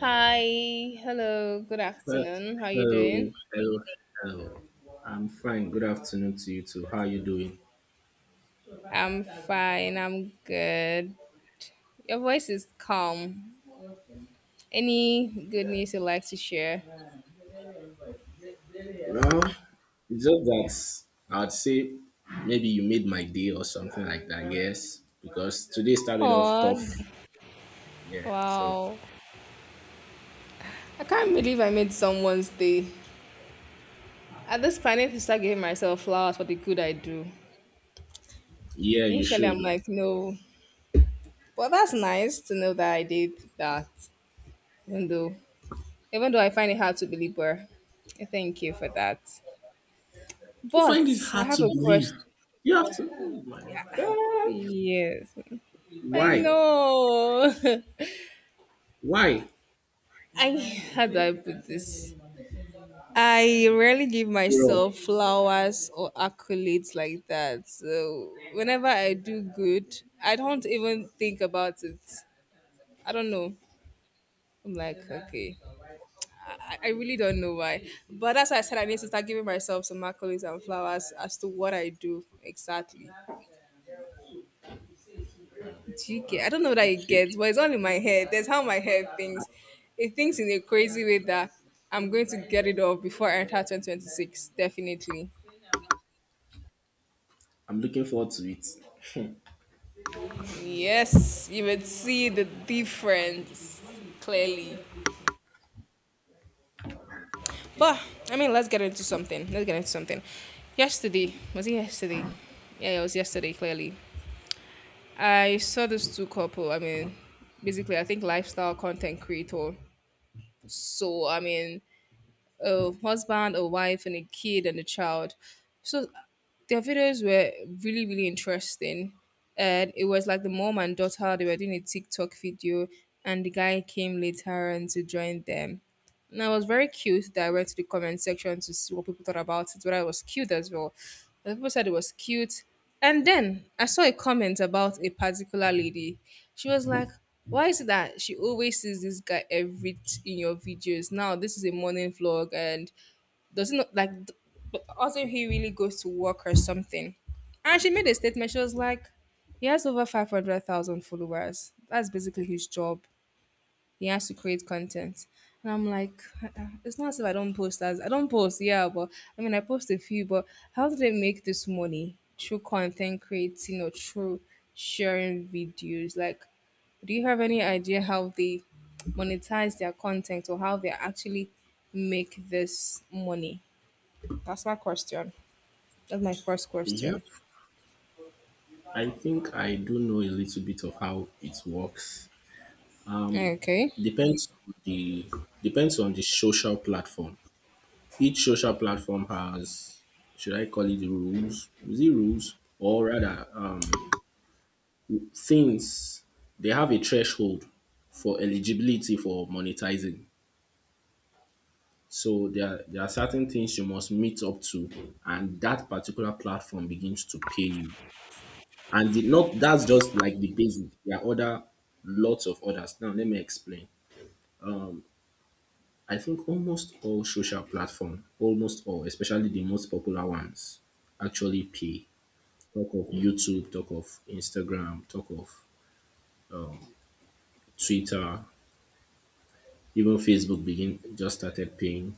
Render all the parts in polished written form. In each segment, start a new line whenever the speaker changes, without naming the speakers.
Hi, hello, good
Well,
afternoon. How you
hello,
doing?
hello, hello. I'm fine. Good afternoon to you too. How are you doing?
I'm fine, I'm good. Your voice is calm. Any good news you'd like to share?
Well, it's just that I'd say maybe you made my day or something like that. Yes, because today started off
Oh,
tough. Yeah, so
wow. I can't believe I made someone's day. At this point, I need to start giving myself flowers for the good I do.
yeah, you
Initially,
should.
I'm like, no. But that's nice to know that I did that, even though, even though I find it hard to believe, but thank you for that.
You
But
find it
I
hard to
have a
believe.
question.
You have to. Oh my God.
Yes. I
Why?
know.
Why?
I how do I put this? I rarely give
Bro.
myself flowers or accolades like that. So whenever I do good, I don't even think about it. I don't know. I'm like, okay. I really don't know why. But that's why I said I need to start giving myself some accolades and flowers as to what I do exactly. GK. I don't know what I
Okay.
get, but it's all in my head. That's how my head thinks. It thinks in a crazy way that I'm going to get it off before I enter 2026. Definitely.
I'm looking forward to it.
Yes, you would see the difference clearly. But I mean, Let's get into something. Yesterday, was it yesterday? Yeah, it was yesterday. Clearly, I saw this two couple. I mean, basically, I think lifestyle content creator. So I mean, a husband, a wife, and a kid and a child. So their videos were really, really interesting. And it was like the mom and daughter, they were doing a TikTok video, and the guy came later and to join them. And I was very cute that I went to the comment section to see what people thought about it, but I was cute as well. And people said it was cute. And then I saw a comment about a particular lady. She was like, why is it that she always sees this guy every in your videos? Now this is a morning vlog and does it not like but also he really goes to work or something. And she made a statement, she was like, he has over 500,000 followers. That's basically his job he has to create content. And I'm like, it's not as if I don't post as I don't post, yeah, but I mean I post a few, but how do they make this money? Through content creating or through sharing videos. Like, do you have any idea how they monetize their content or how they actually make this money? That's my question. That's my first
Yep.
question.
I think I do know a little bit of how it works.
Okay.
Depends on the social platform. Each social platform has, should I call it rules? Is it rules or rather things? They have a threshold for eligibility for monetizing. So there are certain things you must meet up to, and that particular platform begins to pay you. And the, not that's just like the basic. There are other lots of others. Now let me explain. I think almost all social platform, almost all, especially the most popular ones, actually pay. Talk of YouTube, talk of Instagram, talk of Twitter, even Facebook begin just started paying.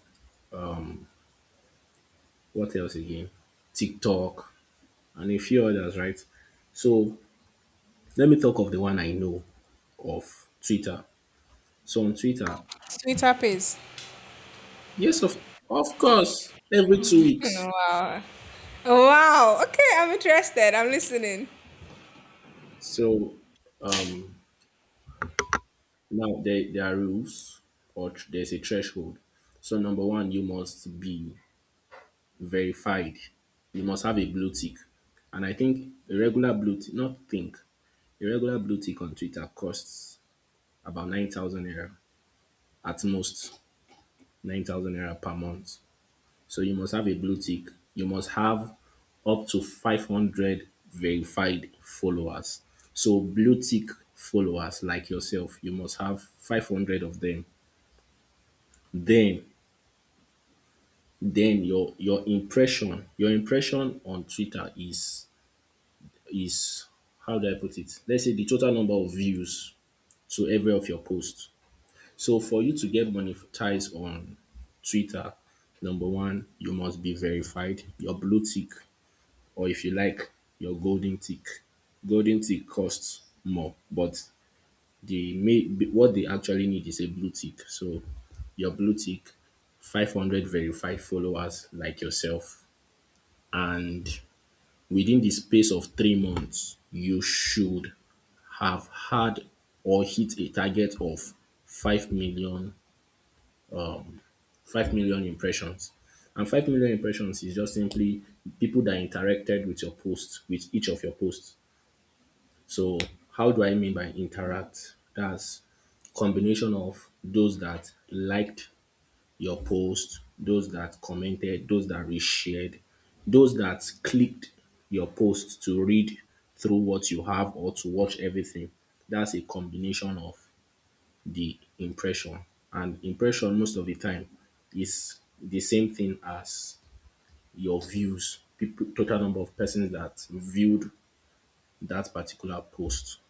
What else again? TikTok and a few others, right? So let me talk of the one I know of, Twitter. So on Twitter,
Twitter pays.
yes, of course, every 2 weeks.
Wow. Wow. Okay, I'm interested. I'm listening.
So um, now, there are rules or there's a threshold. So, number one, you must be verified. You must have a blue tick. And I think a regular blue tick, not think, a regular blue tick on Twitter costs about 9,000 naira, at most 9,000 naira per month. So, you must have a blue tick. You must have up to 500 verified followers. So, blue tick followers like yourself, you must have 500 of them. Then then your impression, your impression on Twitter is, is how do I put it? Let's say the total number of views to every of your posts. So for you to get monetized on Twitter, number one, you must be verified. Your blue tick, or if you like, your golden tick. Golden tick costs more, but what they actually need is a blue tick. So your blue tick, 500 verified followers like yourself, and within the space of 3 months, you should have had or hit a target of 5 million, 5 million impressions. And 5 million impressions is just simply people that interacted with your post, with each of your posts. So how do I mean by interact? That's combination of those that liked your post, those that commented, those that reshared, those that clicked your post to read through what you have or to watch everything. That's a combination of the impression. And impression, most of the time, is the same thing as your views, people, total number of persons that viewed that particular post.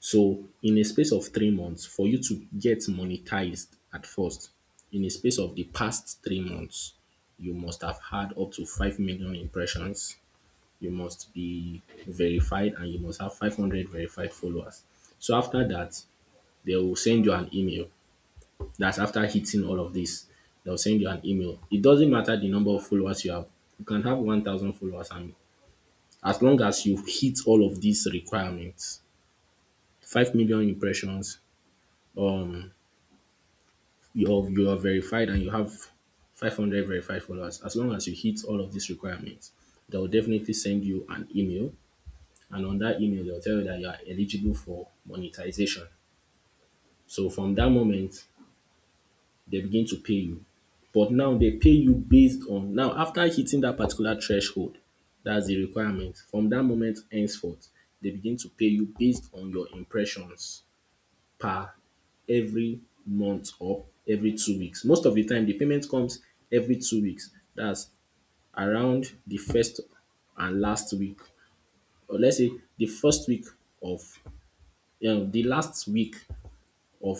So in a space of 3 months, for you to get monetized at first, in a space of the past 3 months, you must have had up to 5 million impressions. You must be verified and you must have 500 verified followers. So after that, they will send you an email. That's after hitting all of this. They'll send you an email. It doesn't matter the number of followers you have. You can have 1,000 followers, and as long as you hit all of these requirements, 5 million impressions, um, you are verified and you have 500 verified followers, as long as you hit all of these requirements, they'll definitely send you an email. And on that email they'll tell you that you are eligible for monetization. So from that moment they begin to pay you, but now they pay you based on, now after hitting that particular threshold, that's the requirement, from that moment henceforth they begin to pay you based on your impressions per every month or every 2 weeks. Most of the time the payment comes every 2 weeks. That's around the first and last week, or let's say the first week of the last week of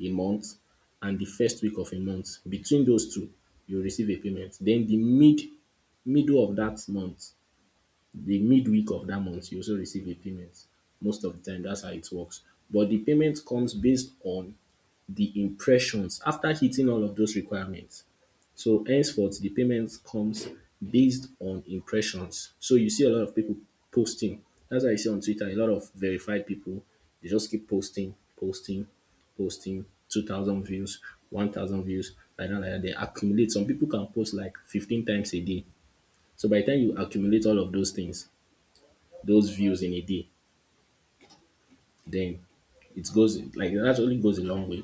a month and the first week of a month. Between those two you receive a payment. Then the middle of that month, the midweek of that month you also receive a payment. Most of the time that's how it works. But the payment comes based on the impressions after hitting all of those requirements. So henceforth, the payment comes based on impressions. So you see a lot of people posting. That's why I see on Twitter a lot of verified people. They just keep posting, posting, posting. 2,000 views, 1,000 views. Like that, like that. They accumulate. Some people can post like 15 times a day. So by the time you accumulate all of those things, those views in a day, then it goes, like, it actually goes a long way.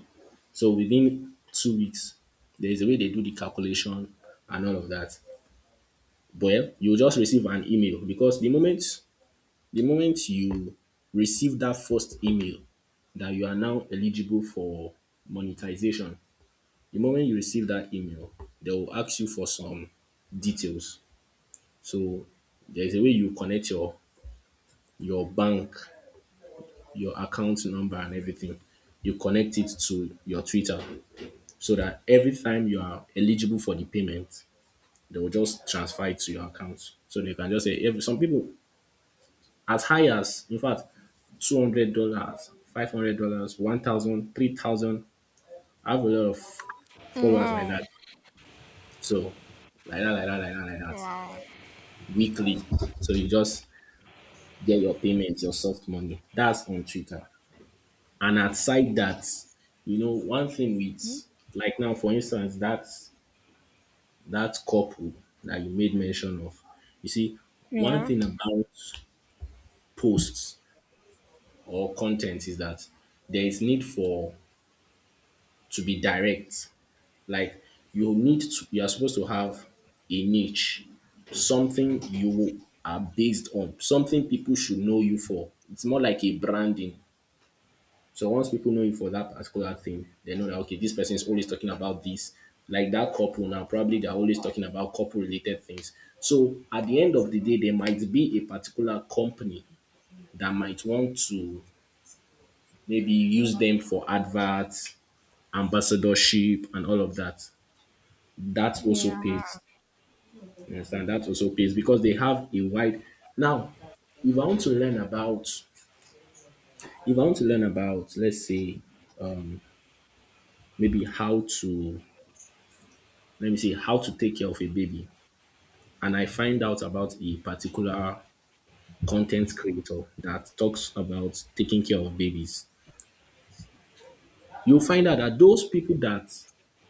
So within 2 weeks, there is a way they do the calculation and all of that. Well, you just receive an email because the moment you receive that first email that you are now eligible for monetization, the moment you receive that email, they will ask you for some details. So there is a way you connect your bank, your account number and everything. You connect it to your Twitter, so that every time you are eligible for the payment, they will just transfer it to your account. So they can just say if some people, as high as, in fact, $200, $500, 1,000, 3,000. I have a lot of followers like
Wow.
that. So like that, like that, like that, like that.
Wow.
Weekly. So you just get your payment, your soft money. That's on Twitter. And outside that, you know, one thing with, like, now, for instance, that couple that you made mention of. You see, one
Yeah.
thing about posts or content is that there is need for to be direct. Like, you are supposed to have a niche, something you are based on, something people should know you for. It's more like a branding. So once people know you for that particular thing, they know that okay, this person is always talking about this. Like that couple now, probably they're always talking about couple related things. So at the end of the day, there might be a particular company that might want to maybe use them for adverts, ambassadorship, and all of that. That also
Yeah.
pays. You understand? That also pays because they have a wide now, if I want to learn about, if I want to learn about let's say maybe how to, let me see, how to take care of a baby, and I find out about a particular content creator that talks about taking care of babies, you'll find out that those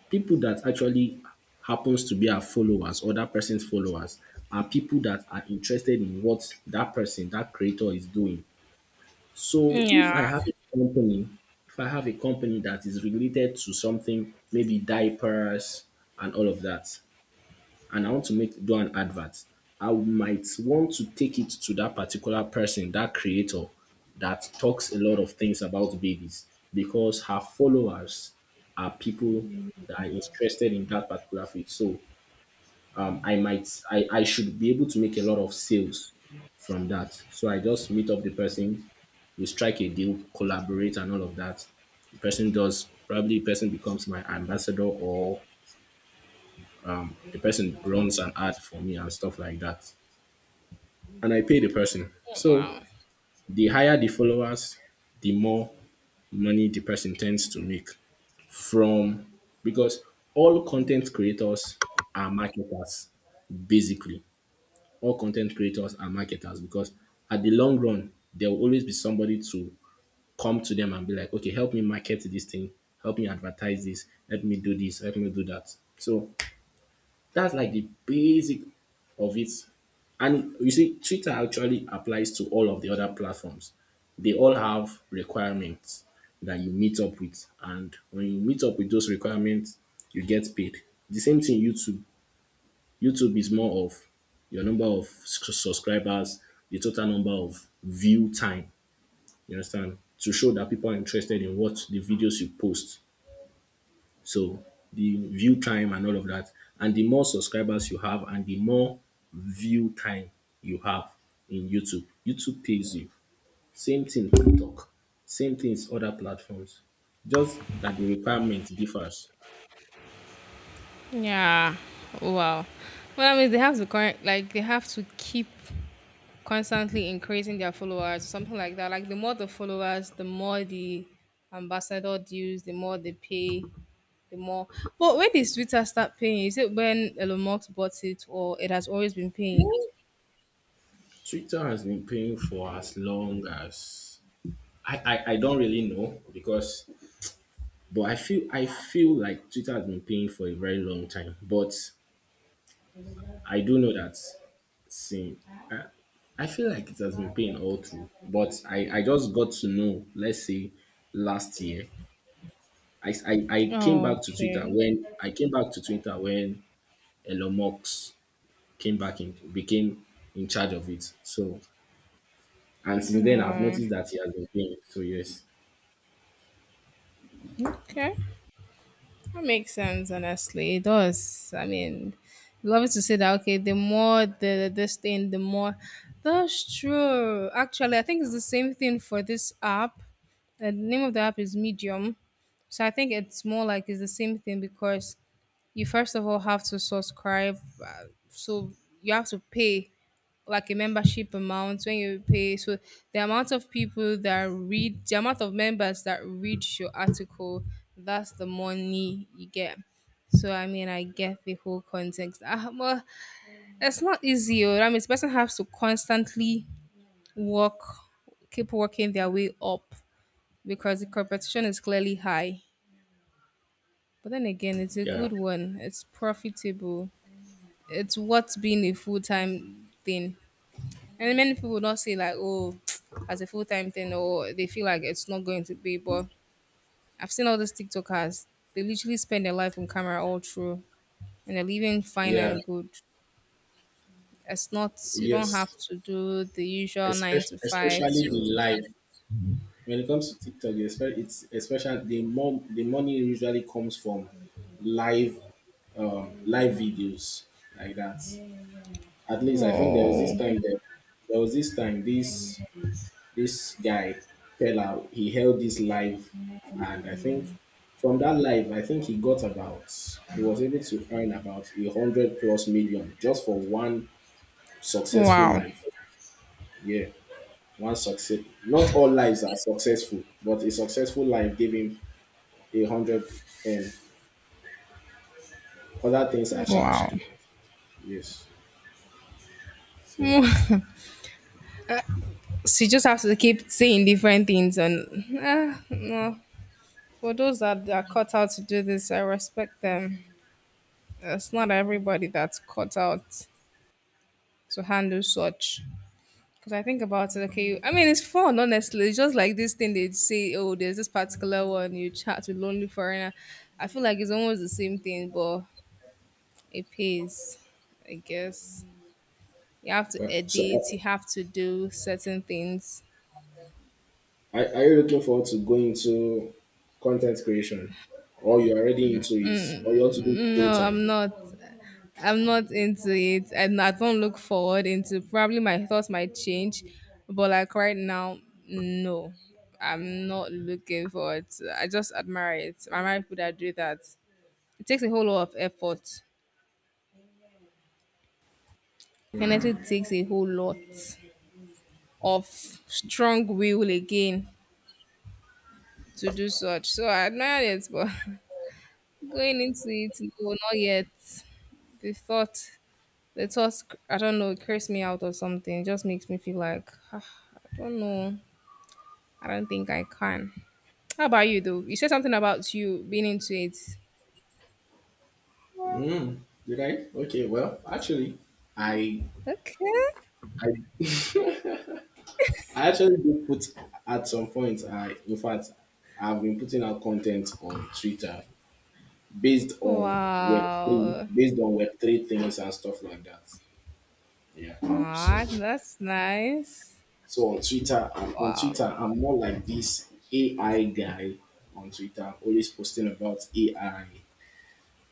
people that actually happens to be our followers or that person's followers are people that are interested in what that person, that creator is doing. So
Yeah.
if I have a company, if I have a company that is related to something, maybe diapers and all of that, and I want to make do an advert, I might want to take it to that particular person, that creator that talks a lot of things about babies because her followers are people that are interested in that particular field. So I should be able to make a lot of sales from that. So I just meet up the person, we strike a deal, collaborate and all of that. The person does probably the person becomes my ambassador or the person runs an ad for me and stuff like that. And I pay the person. So
Wow.
the higher the followers, the more money the person tends to make from, because all content creators are marketers, basically. All content creators are marketers because at the long run there will always be somebody to come to them and be like, okay, help me market this thing, help me advertise this, help me do this, help me do that. So that's like the basic of it. And you see, Twitter actually applies to all of the other platforms. They all have requirements that you meet up with. And when you meet up with those requirements, you get paid. The same thing YouTube. YouTube is more of your number of subscribers, the total number of view time. You understand? To show that people are interested in what the videos you post. So the view time and all of that. And the more subscribers you have and the more view time you have in YouTube, YouTube pays you. Same thing TikTok, same things other platforms. Just that the requirement differs.
Yeah. Wow. Well, I mean, they have to current like they have to keep constantly increasing their followers, something like that. Like the more the followers, the more the ambassador dues, the more they pay, the more. But when did Twitter start paying? Is it when Elon Musk bought it, or it has always been paying?
Twitter has been paying for as long as, I don't really know because, but I feel, like Twitter has been paying for a very long time. But I do know that, same. I, I feel like it has been pain all through, but I just got to know, let's say, last year.
Okay.
I came back to Twitter when Elon Musk came back in became in charge of it. So, and since then I've noticed that he has been paying. So yes.
Okay. That makes sense, honestly. It does. I mean, love it to say that, okay, the more the this thing, the more. That's true. Actually, I think it's the same thing for this app. The name of the app is Medium. So I think it's more like it's the same thing because you first of all have to subscribe. So you have to pay like a membership amount when you pay. So the amount of people that read, the amount of members that read your article, that's the money you get. So I mean, I get the whole context. Ah, well, it's not easy. Oh. I mean, the person has to constantly work, keep working their way up because the competition is clearly high. But then again, it's a
Yeah.
good one. It's profitable. It's what's being a full time thing. And many people would not say like, oh, as a full time thing, or they feel like it's not going to be. But I've seen all these TikTokers; they literally spend their life on camera all through, and they're living fine
Yeah,
and good. It's not you don't
yes.
have to do the usual nine
Especially,
to five
especially the
to.
live. When it comes to TikTok, it's especially the more the money usually comes from live live videos like that. At least I think
Oh
there was this time this guy, Pella, he held this live, and I think from that live, I think he got about he was able to earn about a hundred plus million just for one successful
wow,
live. Yeah, one success. Not all lives are successful, but a successful life gave him a hundred, um other things are charged
wow!
to. Yes. So,
So you just have to keep saying different things, and ah, no. For those that are cut out to do this, I respect them. It's not everybody that's cut out to handle such. Because I think about it, okay. I mean, it's fun, honestly. It's just like this thing they say, oh, there's this particular one you chat with lonely foreigner. I feel like it's almost the same thing, but it pays, I guess. You have to
well, so
edit, you have to do certain things.
are you looking forward to going into content creation, or you're already into it, or you want to do it full
No,
time?
I'm not. I'm not into it, and I don't look forward into. Probably my thoughts might change, but like right now, no. I'm not looking forward. To, I just admire it. I admire people that do that. It takes a whole lot of effort. Honestly, it takes a whole lot of strong will again to do such. So I admire it, but going into it, no, not yet. The thought, the thought, I don't know, it creeps me out or something. It just makes me feel like, "Ah, I don't know. I don't think I can. How about you, though? You said something about you being into it.
Mm, did I? Okay, well, actually, I
Okay.
I I actually do put. At some point, I in fact I've been putting out content on Twitter based on web three,
Wow.
things and stuff like that. Yeah. So
Ah, that's nice.
So on Twitter, I'm on
Wow.
Twitter, I'm more like this AI guy on Twitter, always posting about AI.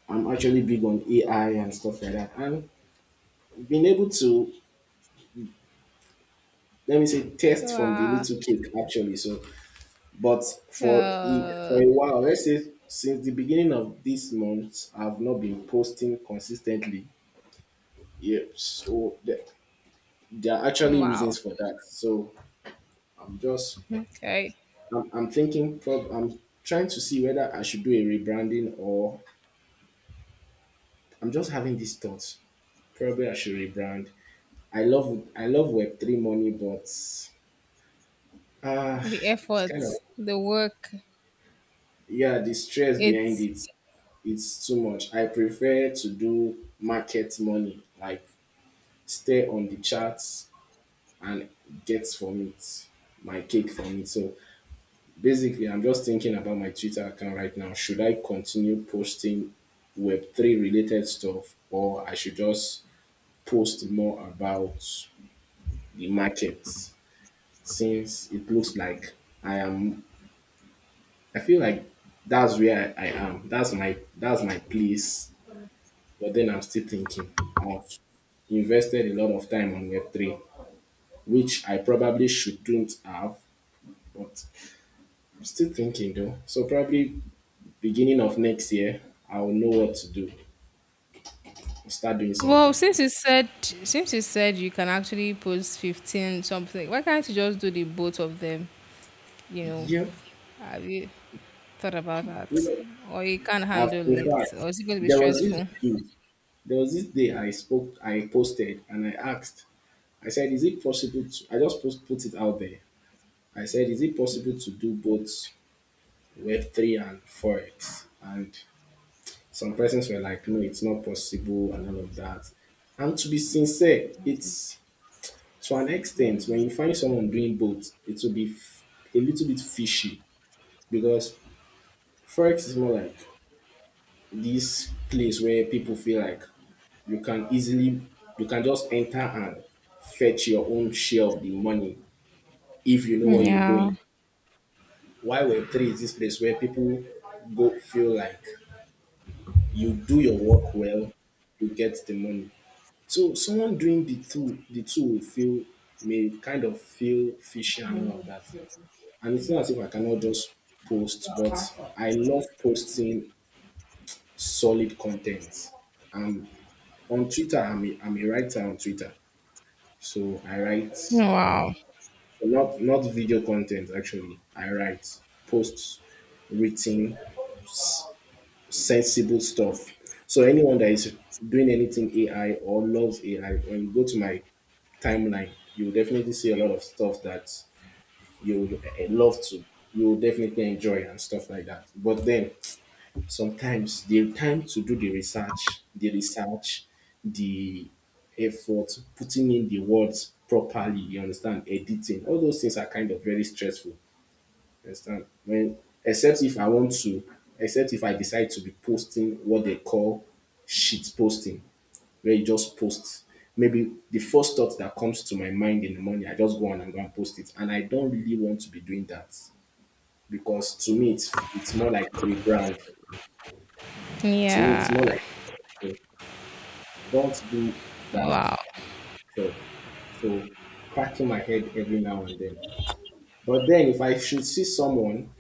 I'm actually big on AI and stuff like that. And being able to, let me say, test from the
Wow.
little cake, actually. So, but for
Uh,
a while, let's say, since the beginning of this month, I've not been posting consistently. Yeah. So there are actually reasons
wow.
for that. So I'm just
Okay.
I'm thinking. I'm trying to see whether I should do a rebranding, or I'm just having these thoughts. Probably I should rebrand. I love Web three money, but, ah,
The
it's kind of,
effort, the work.
yeah, the stress behind
It's
it. It's too much. I prefer to do market money, like stay on the charts and get from it, my cake from it. So, basically, I'm just thinking about my Twitter account right now. Should I continue posting Web3 related stuff, or I should just post more about the markets? Since it looks like I am I feel like that's where I am. That's my place. But then I'm still thinking. I've invested a lot of time on Web3, which I probably shouldn't have, but I'm still thinking, though. So probably beginning of next year, I will know what to do. Start doing
well.
something.
Since you said you can actually post 15 something, why can't you just do the both of them? You know,
Yeah,
have you thought about
you
that?
know,
Or you can't
I've,
handle
in
it?
fact,
Or is it going to be
there was this
stressful?
dude, there was this day I spoke, I posted, and I asked, I said, is it possible to? I just put it out there. I said, is it possible to do both Web three and forex? And some persons were like, no, it's not possible, and all of that. And to be sincere, it's to an extent, when you find someone doing both, it will be a little bit fishy, because forex is more like this place where people feel like you can easily you can just enter and fetch your own share of the money if you know what you're
Yeah.
doing. Why Web3 is this place where people go feel like you do your work well, you get the money. So someone doing the two will feel may kind of feel fishy and all of that. And it's not as if I cannot just post, but I love posting solid content. And on Twitter, I'm a writer on Twitter, so I write,
Wow.
not video content, actually. I write posts, written, s- sensible stuff. So anyone that is doing anything AI or loves AI, when you go to my timeline, you will definitely see a lot of stuff that you would, love to, you will definitely enjoy, and stuff like that. But then, sometimes the time to do the research, the effort, putting in the words properly, you understand, editing, all those things are kind of very stressful. You understand? When except if I want to, except if I decide to be posting what they call "shit posting," where you just post. Maybe the first thought that comes to my mind in the morning, I just go and post it. And I don't really want to be doing that because, to me, it's more like a brand. So it's more
Yeah.
like, so don't do that
Wow.
thing. So, cracking my head every now and then. But then if I should see someone,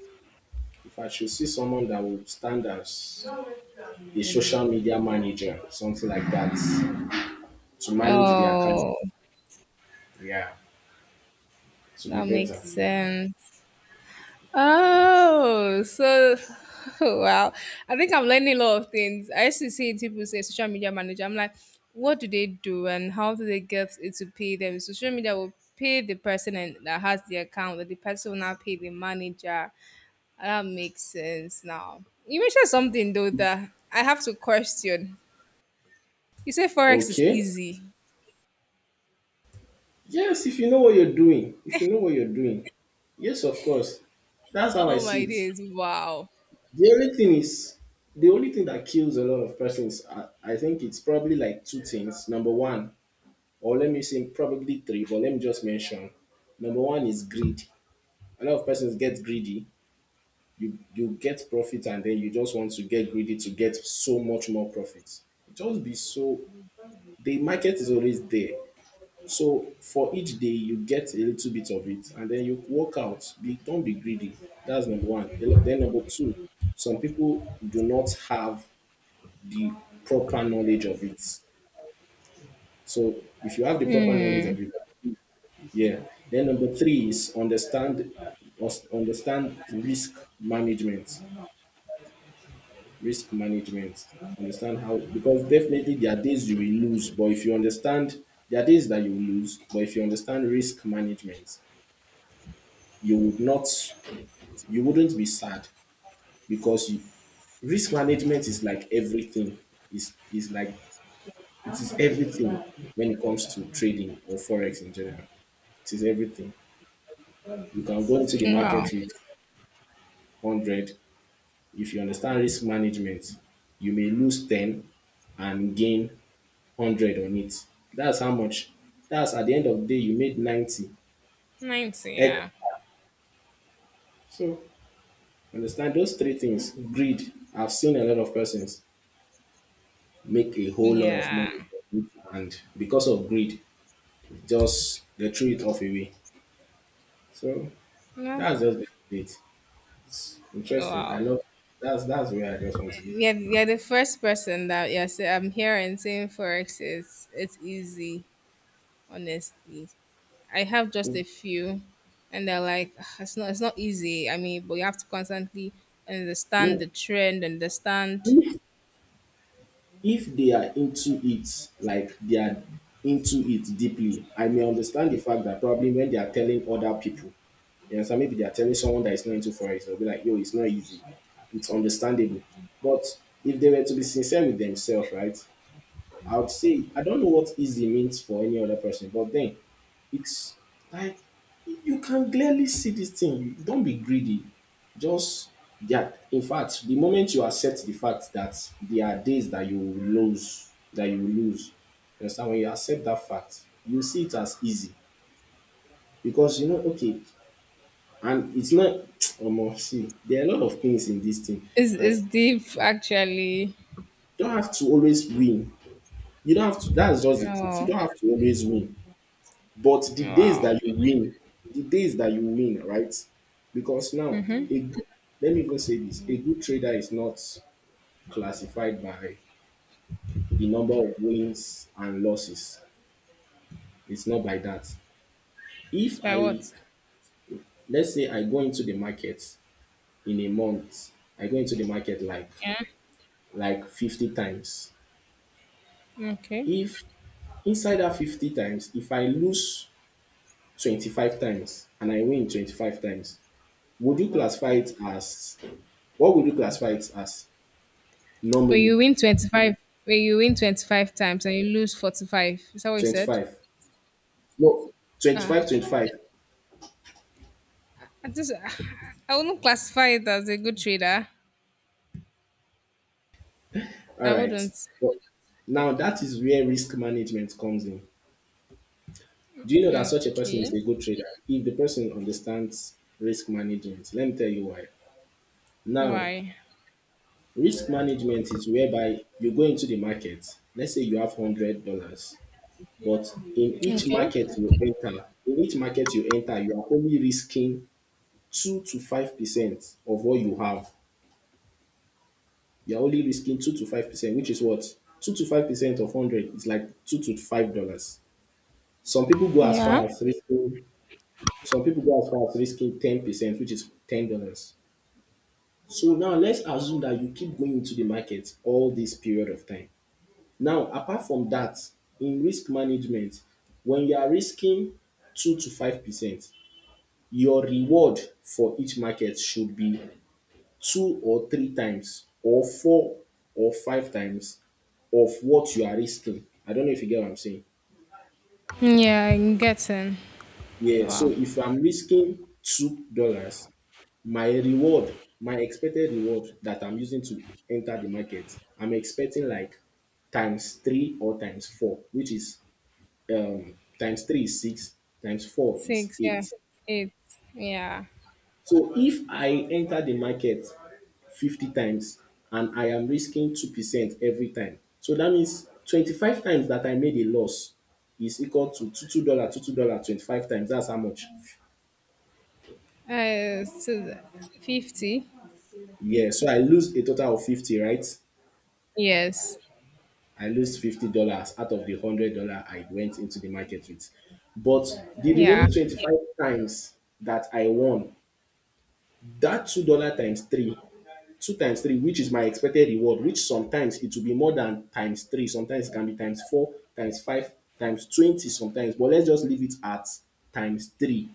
if I should see someone that will stand as a social media manager, something like that, to manage the account,
Oh,
yeah, to be
that makes
better.
sense. Oh, so wow. I think I'm learning a lot of things. I used to see people say social media manager. I'm like, what do they do and how do they get it to pay them? Social media will pay the person and that has the account, but the person will not pay the manager. That makes sense now. You mentioned something though that I have to question. You say forex is
Okay.
easy.
Yes, if you know what you're doing, if you know what you're doing, yes, of course. That's how I
Oh
see
my
it.
days! Wow.
The only thing is, the only thing that kills a lot of persons, I think it's probably like two things. Number one, or let me say probably three, but let me just mention. Number one is greed. A lot of persons get greedy. You get profit, and then you just want to get greedy to get so much more profit. Just be, so the market is always there. So for each day you get a little bit of it, and then you walk out. Don't be greedy. That's number one. Then number two, some people do not have the proper knowledge of it. So if you have the proper knowledge
Hmm.
of it, yeah. Then number three is understand, understand risk management. Risk management. Understand how, because definitely there are days you will lose, but if you understand, there are days that you will lose, but if you understand risk management, you would not you wouldn't be sad, because you, risk management is like everything. Is like it is everything when it comes to trading or forex in general. It is everything. You can go into the
Wow.
market with 100. If you understand risk management, you may lose 10 and gain 100 on it. That's how much. That's, at the end of the day, you made 90.
90.
Eh,
Yeah.
So, understand those three things: greed. I've seen a lot of persons make a whole lot of
Yeah.
money, and because of greed, just they threw it off away. So,
Yeah.
that's just it. It's interesting. I
Wow.
love that's where I just want to be.
Yeah, you're the first person that yeah, say I'm hearing saying forex is it's easy, honestly. I have just a few and they're like, "Ah, it's not easy. I mean, but you have to constantly understand
No,
the trend, understand
If if they are into it, like they are into it deeply, I may understand the fact that probably when they are telling other people, you understand, maybe they are telling someone that is not into forex, they'll be like, yo, it's not easy. It's understandable. But if they were to be sincere with themselves, right? I would say I don't know what easy means for any other person, but then it's like you can clearly see this thing. Don't be greedy. Just that. In fact, the moment you accept the fact that there are days that you will lose, you understand? When you accept that fact, you see it as easy, because you know, okay, and it's not. Omo, see, there are a lot of things in this thing.
it's
Like,
deep actually.
you don't have to always win. You don't have to. That's just the truth. You
Oh
don't have to always win. But the days
wow.
that you win, the days that you win, right? Because now,
Mm-hmm.
a good, let me even say this: a good trader is not classified by the number of wins and losses. It's not by that.
It's
If
by
I
what?
let's say I go into the market in a month, I go into the market like
Yeah.
like 50 times.
Okay.
If inside that 50 times, if I lose 25 times and I win 25 times, would you classify it as what would you classify it as,
When you
normally?
win twenty five when you win 25 times and you lose 45. Is that what you said?
25. No, twenty
Ah.
five, 20.
I just I wouldn't classify it as a good trader.
All
I
right.
wouldn't.
But now that is where risk management comes in. Do you know that such a person is
Okay.
a good trader? If the person understands risk management, let me tell you why. Now,
Why?
risk management is whereby you go into the market. Let's say you have $100, but in each
Okay.
market you enter, in each market you enter, you are only risking 2 to 5% of what you have. You're only risking 2 to 5%, which is, what, 2 to 5% of hundred is like $2 to $5. Some people go as far
Yeah.
as risking some people go as far as risking 10%, which is $10. So now let's assume that you keep going into the market all this period of time. Now, apart from that, in risk management, when you are risking 2 to 5%, your reward for each market should be two or three times, or four or five times of what you are risking. I don't know if you get what I'm saying.
Yeah, I'm getting.
Yeah, so
Wow.
if I'm risking $2, my reward, my expected reward that I'm using to enter the market, I'm expecting like times three or times four, which is, times three is six, times four is
Six, yeah.
eight.
Eight. Yeah.
So if I enter the market 50 times and I am risking 2% every time, so that means 25 times that I made a loss is equal to $2, $2 25 times. That's how much.
So 50.
Yeah, so I lose a total of 50, right?
Yes.
I lose $50 out of the $100 I went into the market with. But the
Yeah.
remaining 25 times that I won, that $2 times three, two times three, which is my expected reward, which sometimes it will be more than times three, sometimes it can be times four, times five, times 20, sometimes, but let's just leave it at times three.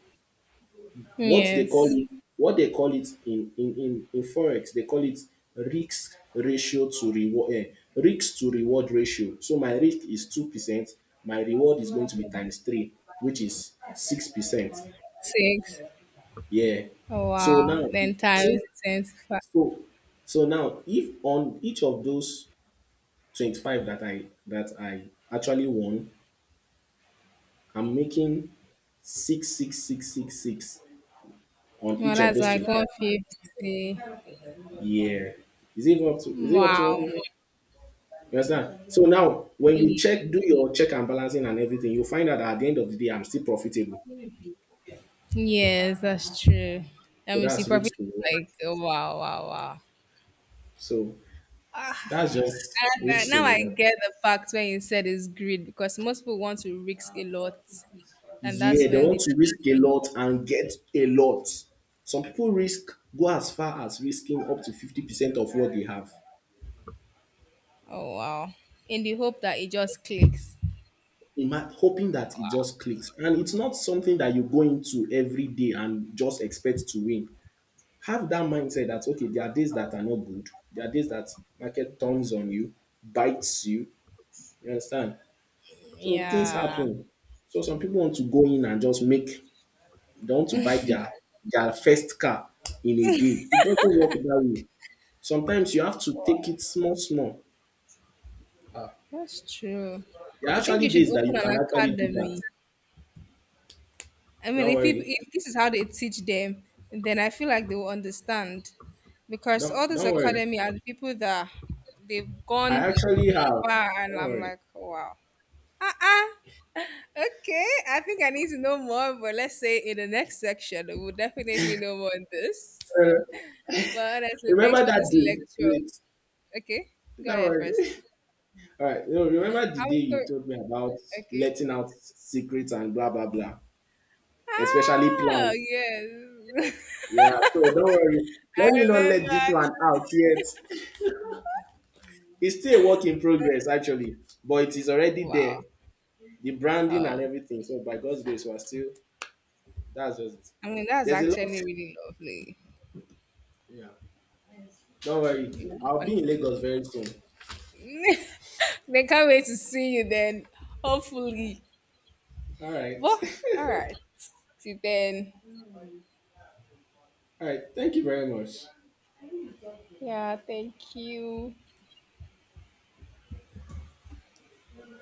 what they call
Yes.
it what they call it in forex, they call it risk ratio to reward, risk to reward ratio. So my risk is 2%, my reward is going to be times three, which is 6%.
Six.
Yeah.
Oh,
So
wow.
now,
Then
since
times 25.
so, so now if on each of those 25 that I actually won, I'm making 66666 on
Well,
each of
that's
those
like one
25.
fifty.
Yeah. Is it up to
Wow.
one? You understand? So now when you
Ye-
check, do your check and balancing and everything, you find out that at the end of the day I'm still profitable.
Yes, that's true.
So
And we see
that's
profit
risk to reward.
like wow, wow, wow.
So
Ah,
that's just
and
risk to
now I
reward.
get the fact when you said it's greed because most people want to risk a lot, and that's
Yeah, they
when they
want to risk
lose
a
a
lot
lot.
and get a lot. Some people risk go as far as risking up to 50% of what they have,
Oh wow! In the hope that it just clicks.
hoping that it just clicks. And it's not something that you go into every day and just expect to win. Have that mindset that, okay, there are days that are not good, there are days that market turns on you, bites you. You understand? So things
Yeah,
happen. So some people want to go in and just make, they want to buy their first car in a day. It doesn't work that way. Sometimes you have to take it small, small.
that's true.
There are
I think
actually
you should
days that you
open
can
an
actually do that.
academy. I mean,
Don't
if people,
worry.
if this is how they teach them, then I feel like they will understand, because all
Don't
this
don't worry.
academy are the people that they've
I
gone
actually have.
far, and
Don't
I'm
worry.
like, oh, wow. Uh-uh. Okay, I think I need to know more, but let's say in the next section, we'll definitely know more on this.
Uh,
But honestly, thanks
remember
for
that
this
day.
lecture.
Wait.
Okay, go
Don't
ahead first.
worry. All right. You know, remember the
I
day
will
you told me
co-
about
okay.
letting out secrets and blah blah blah, especially
Ah,
plans.
yes.
Yeah. So don't worry. Let me
I
not let this
remember.
one out yet. It's still a work in progress, actually, but it is already
Wow.
there. The branding
Oh,
and everything. So by God's grace, we're still that's just it.
I mean, that's
There's a lot.
actually really lovely.
Yeah. Don't worry.
Yeah.
I'll be in Lagos
On-
very soon.
they can't wait to see you then, hopefully.
All right.
Well, all right. See then.
All right. Thank you very much.
Yeah, thank you.